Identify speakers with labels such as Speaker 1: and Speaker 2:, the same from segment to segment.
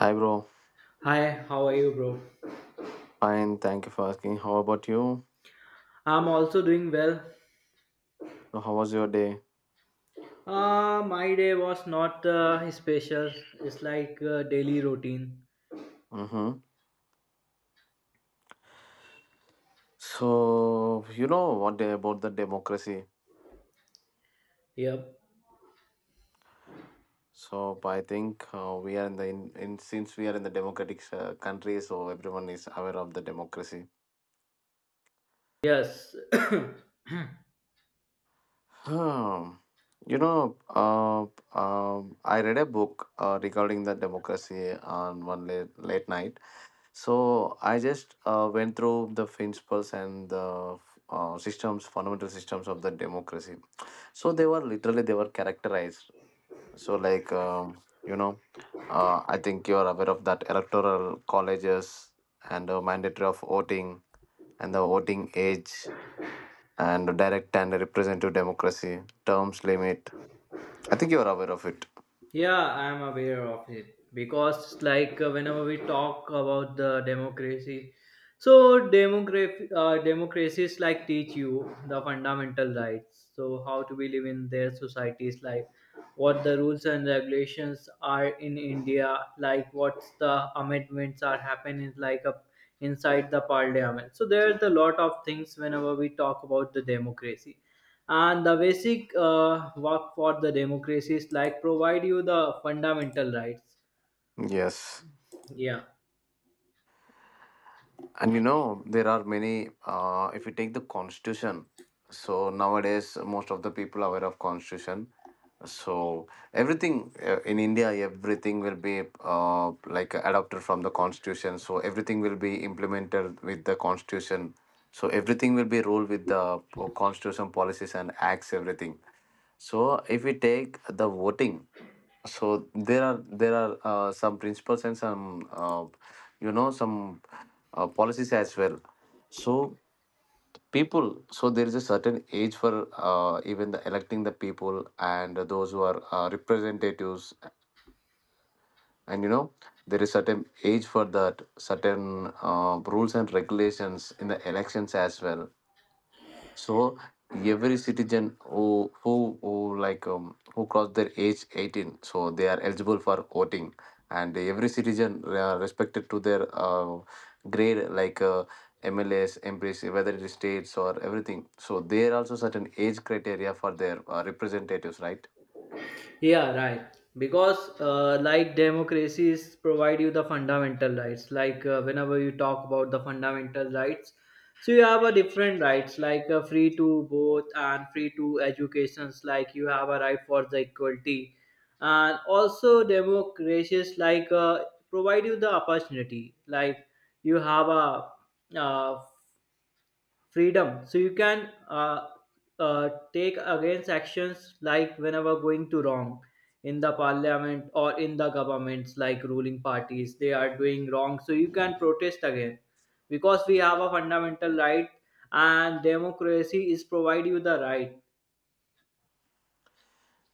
Speaker 1: Hi, bro.
Speaker 2: Hi, how are you, bro?
Speaker 1: Fine. Thank you for asking. How about you?
Speaker 2: I'm also doing well.
Speaker 1: So, how was your day?
Speaker 2: My day was not special. It's like a daily routine.
Speaker 1: Mm-hmm. So, you know what day about the democracy?
Speaker 2: Yep.
Speaker 1: So, I think we are in since we are in the democratic country, so everyone is aware of the democracy.
Speaker 2: Yes.
Speaker 1: Hmm. You know, uh, I read a book regarding the democracy on one late night. So I just went through the principles and the fundamental systems of the democracy. So they were characterized. So like you know I think you are aware of that electoral colleges and the mandatory of voting and the voting age and direct and representative democracy terms limit. I think you are aware of it.
Speaker 2: Yeah, I'm aware of it because, whenever we talk about the democracy, so democracy, democracies like teach you the fundamental rights. So how to be live in their societies, like what the rules and regulations are in India, like what's the amendments are happening, like up inside the parliament. So there's a lot of things whenever we talk about the democracy and the basic work for the democracies like provide you the fundamental rights.
Speaker 1: Yes.
Speaker 2: yeah
Speaker 1: And you know there are many. If you take the constitution, so nowadays most of the people are aware of constitution. So everything in India, everything will be like adopted from the constitution. So everything will be implemented with the constitution. So everything will be ruled with the constitution policies and acts, everything. So if we take the voting, so there are some principles and some some policies as well. So people, so there is a certain age for even the electing the people and those who are representatives. And you know there is certain age for that, certain rules and regulations in the elections as well. So every citizen who cross their age 18, so they are eligible for voting, and every citizen respected to their grade like. MLAs, MPs, whether it is states or everything. So there are also certain age criteria for their representatives, right?
Speaker 2: yeah right, because like democracies provide you the fundamental rights like whenever you talk about the fundamental rights, so you have a different rights like free to both and free to educations, like you have a right for the equality. And also democracies like provide you the opportunity, like you have a uh, freedom, so you can take against actions like whenever going to wrong in the parliament or in the governments like ruling parties they are doing wrong, so you can protest again because we have a fundamental right and democracy is provide you the right.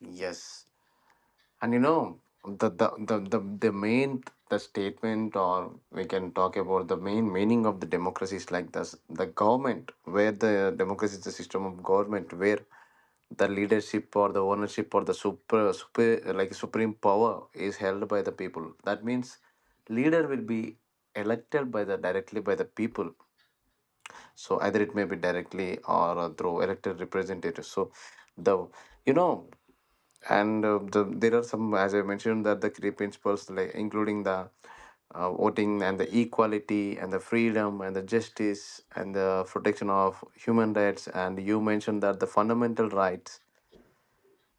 Speaker 1: Yes. And you know, the the, the, the, the main the statement, or we can talk about the main meaning of the democracy is like this: the government where the democracy is the system of government where the leadership or the ownership or the super, super like supreme power is held by the people, that means leader will be elected by the directly by the people. So either it may be directly or through elected representatives. So the you know and there are some, as I mentioned, that the key principles, like including the voting and the equality and the freedom and the justice and the protection of human rights, and you mentioned that the fundamental rights.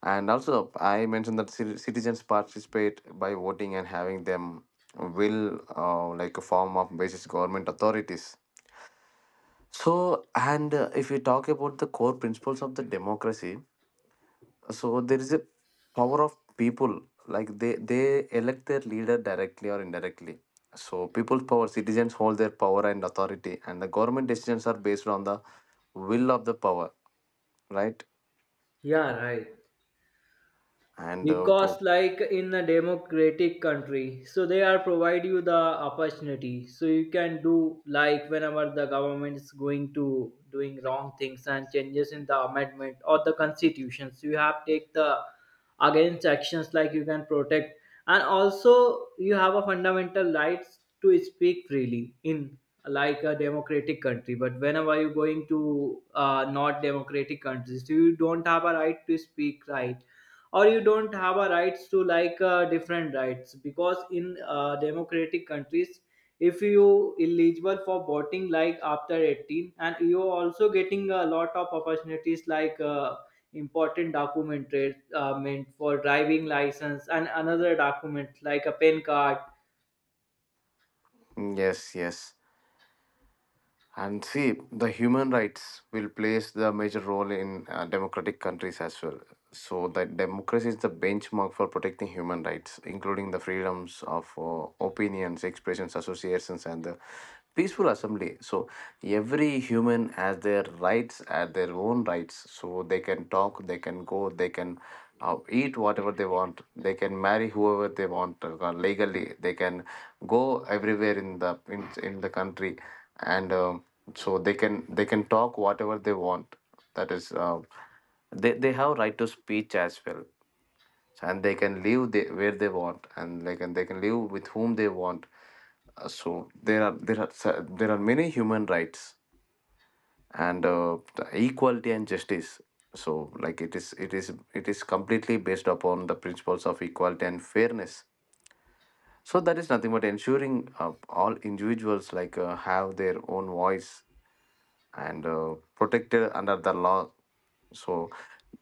Speaker 1: And also I mentioned that citizens participate by voting and having them will like a form of basis government authorities. So, and if we talk about the core principles of the democracy, so there is a power of people, like they elect their leader directly or indirectly. So people's power, citizens hold their power and authority, and the government decisions are based on the will of the power, right?
Speaker 2: Yeah, right,
Speaker 1: And
Speaker 2: because like in a democratic country, so they are provide you the opportunity so you can do like whenever the government is going to doing wrong things and changes in the amendment or the constitutions, you have take the against actions like you can protect. And also you have a fundamental rights to speak freely in like a democratic country, but whenever you're going to not democratic countries, you don't have a right to speak right, or you don't have a rights to like different rights, because in democratic countries, if you eligible for voting like after 18, and you also getting a lot of opportunities like important document meant for driving license and another document like a pen card.
Speaker 1: yes, yes. And see, the human rights will plays the major role in democratic countries as well. So that democracy is the benchmark for protecting human rights, including the freedoms of opinions, expressions, associations, and the peaceful assembly. So every human has their rights, at their own rights. So they can talk, they can go, they can eat whatever they want, they can marry whoever they want legally, they can go everywhere in the country. And so they can talk whatever they want, that is, they have right to speech as well. And they can live where they want, and like, and they can live with whom they want. So there are many human rights. And the equality and justice. So like it is completely based upon the principles of equality and fairness. So that is nothing but ensuring all individuals, like, have their own voice and protected under the law. So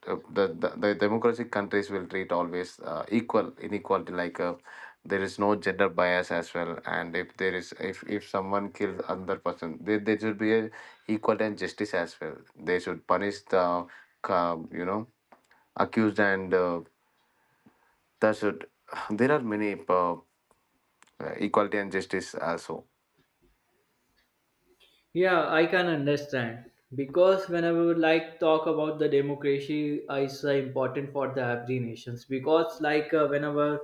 Speaker 1: the democratic countries will treat always equal inequality, like there is no gender bias as well. And if someone kills another person, there should be a equal and justice as well. They should punish the uh, you know accused. And that should there are many equality and justice also.
Speaker 2: Yeah, I can understand, because whenever we like talk about the democracy is important for the every nations. Because like whenever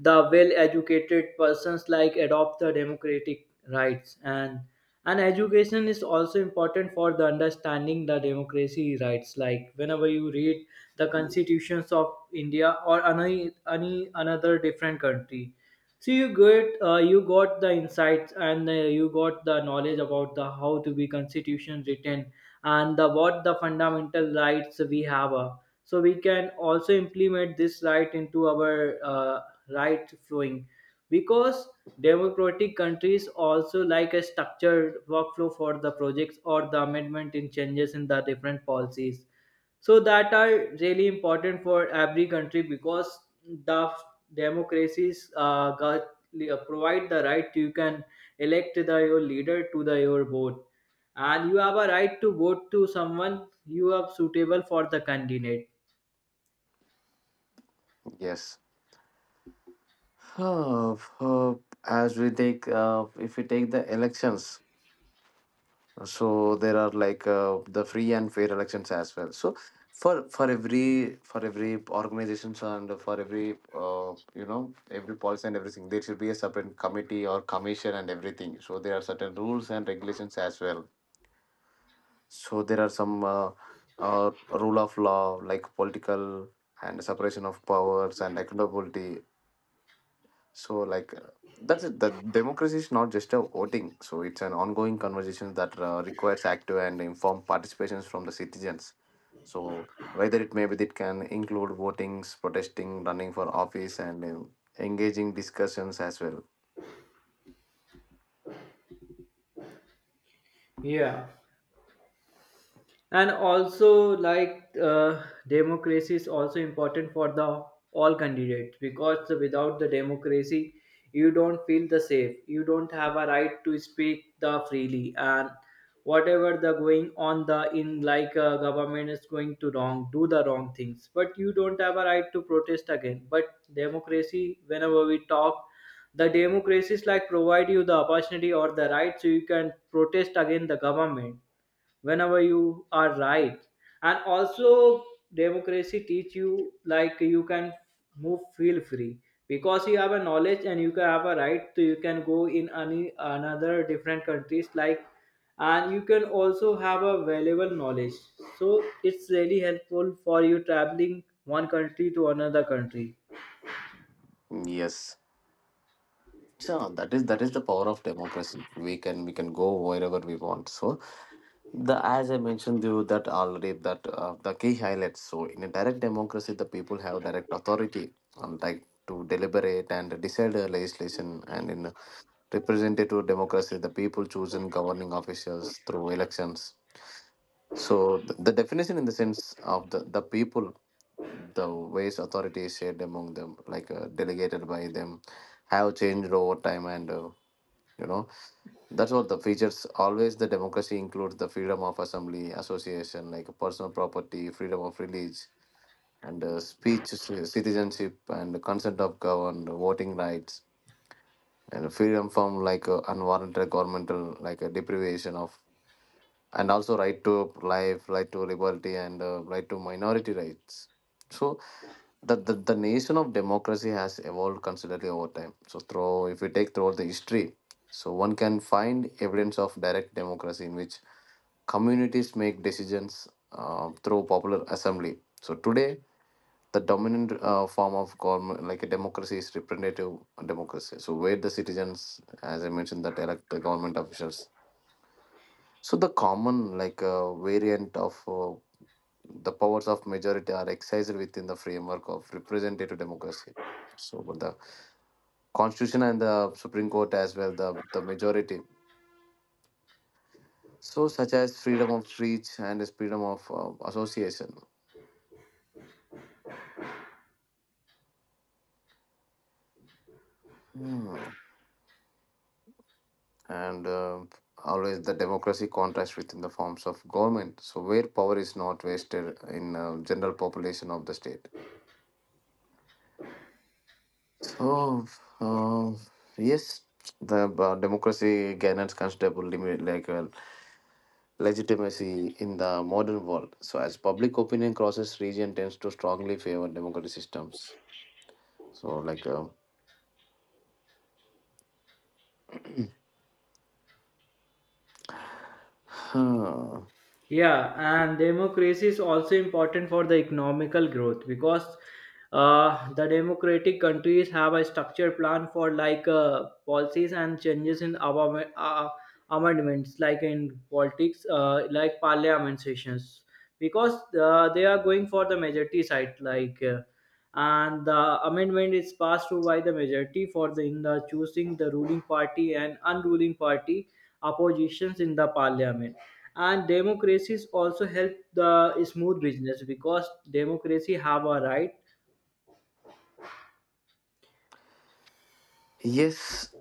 Speaker 2: the well-educated persons like adopt the democratic rights, and education is also important for the understanding the democracy rights. Like whenever you read the constitutions of India or any another different country, so you get you got the insights, and you got the knowledge about the how to be constitution written and the what the fundamental rights we have. So we can also implement this right into our right flowing, because democratic countries also like a structured workflow for the projects or the amendment in changes in the different policies, so that are really important for every country. Because the democracies provide the right to you can elect the your leader to the your vote, and you have a right to vote to someone you are suitable for the candidate.
Speaker 1: Yes. Uh, uh, if we take the elections, so there are, like, the free and fair elections as well. So for every organizations and for every every policy and everything, there should be a separate committee or commission and everything. So there are certain rules and regulations as well. So there are some rule of law, like political and separation of powers and accountability. So, like, that's it. The democracy is not just a voting. So, it's an ongoing conversation that requires active and informed participations from the citizens. So, whether it may be, it can include votings, protesting, running for office, and engaging discussions as well.
Speaker 2: Yeah. And also like democracy is also important for the all candidates, because without the democracy you don't feel the safe, you don't have a right to speak the freely, and whatever the going on the in like government is going to wrong do the wrong things, but you don't have a right to protest again. But democracy, whenever we talk, the democracies like provide you the opportunity or the right so you can protest against the government whenever you are right. And also democracy teach you like you can move feel free, because you have a knowledge and you can have a right, so you can go in any another different countries like, and you can also have a valuable knowledge, so it's really helpful for you traveling one country to another country.
Speaker 1: Yes. So that is the power of democracy. We can go wherever we want. So the as I mentioned you that already, that the key highlights, so in a direct democracy the people have direct authority, like to deliberate and decide the legislation, and in a representative democracy the people chosen governing officials through elections. So the definition in the sense of the people, the ways authority is shared among them, like, delegated by them, have changed over time. And you know that's what the features. Always the democracy includes the freedom of assembly, association, like personal property, freedom of religion, and speech, citizenship, and consent of governed voting rights, and freedom from, like, unwarranted governmental, like, deprivation of, and also right to life, right to liberty, and right to minority rights. So the nation of democracy has evolved considerably over time. So through if we take throughout the history, so one can find evidence of direct democracy in which communities make decisions through popular assembly. So today, the dominant form of government, like a democracy, is representative democracy. So where the citizens, as I mentioned, that elect the government officials. So the common, like, variant of, the powers of majority, are exercised within the framework of representative democracy. So but the constitution and the Supreme Court as well, the majority. So such as freedom of speech and is freedom of association. Hmm. And always the democracy contrasts within the forms of government. So where power is not wasted in general population of the state. So, uh, yes, the democracy gains considerable limit, like, legitimacy in the modern world. So, as public opinion crosses region, tends to strongly favor democratic systems. So, like, huh,
Speaker 2: Yeah, and democracy is also important for the economical growth, because the democratic countries have a structured plan for like policies and changes in our amendments, like in politics, like parliament sessions, because they are going for the majority side, like. And the amendment is passed through by the majority for the in the choosing the ruling party and unruling party oppositions in the parliament. And democracies also help the smooth business because democracy have a right.
Speaker 1: yes.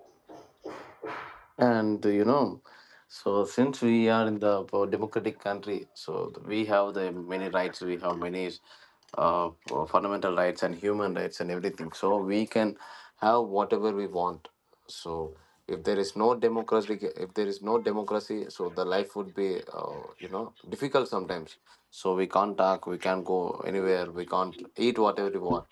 Speaker 1: And you know, so since we are in the democratic country, so we have the many rights, we have many uh, fundamental rights and human rights and everything. So we can have whatever we want. So if there is no democracy, if there is no democracy, so the life would be, difficult sometimes. So we can't talk, we can't go anywhere, we can't eat whatever we want.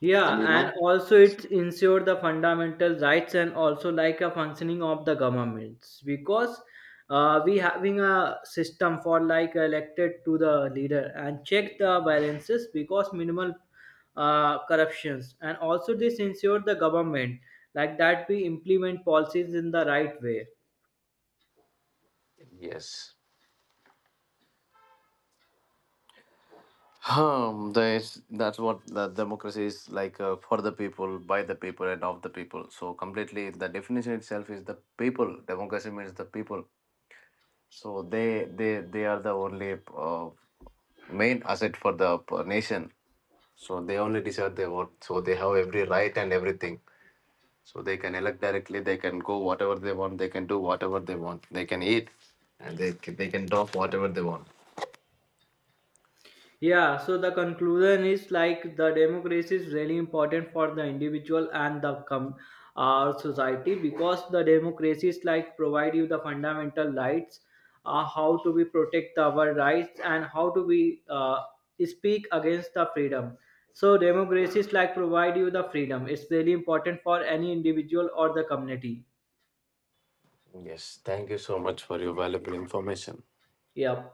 Speaker 2: Yeah,
Speaker 1: And you know,
Speaker 2: and also it ensure the fundamental rights and also like a functioning of the governments, because we having a system for like elected to the leader and check the balances because minimal corruptions, and also this ensure the government like that we implement policies in the right way.
Speaker 1: yes. That's what the democracy is, like, for the people, by the people, and of the people. So completely, the definition itself is the people. Democracy means the people. So they are the only main asset for the nation. So they only decide, they vote. So they have every right and everything. So they can elect directly. They can go whatever they want. They can do whatever they want. They can eat, and they can talk whatever they want.
Speaker 2: Yeah, so the conclusion is like the democracy is really important for the individual and our society, because the democracy is like provide you the fundamental rights, how to be protect our rights and how to be speak against the freedom. So democracy is like provide you the freedom. It's really important for any individual or the community.
Speaker 1: Yes, thank you so much for your valuable information.
Speaker 2: Yeah.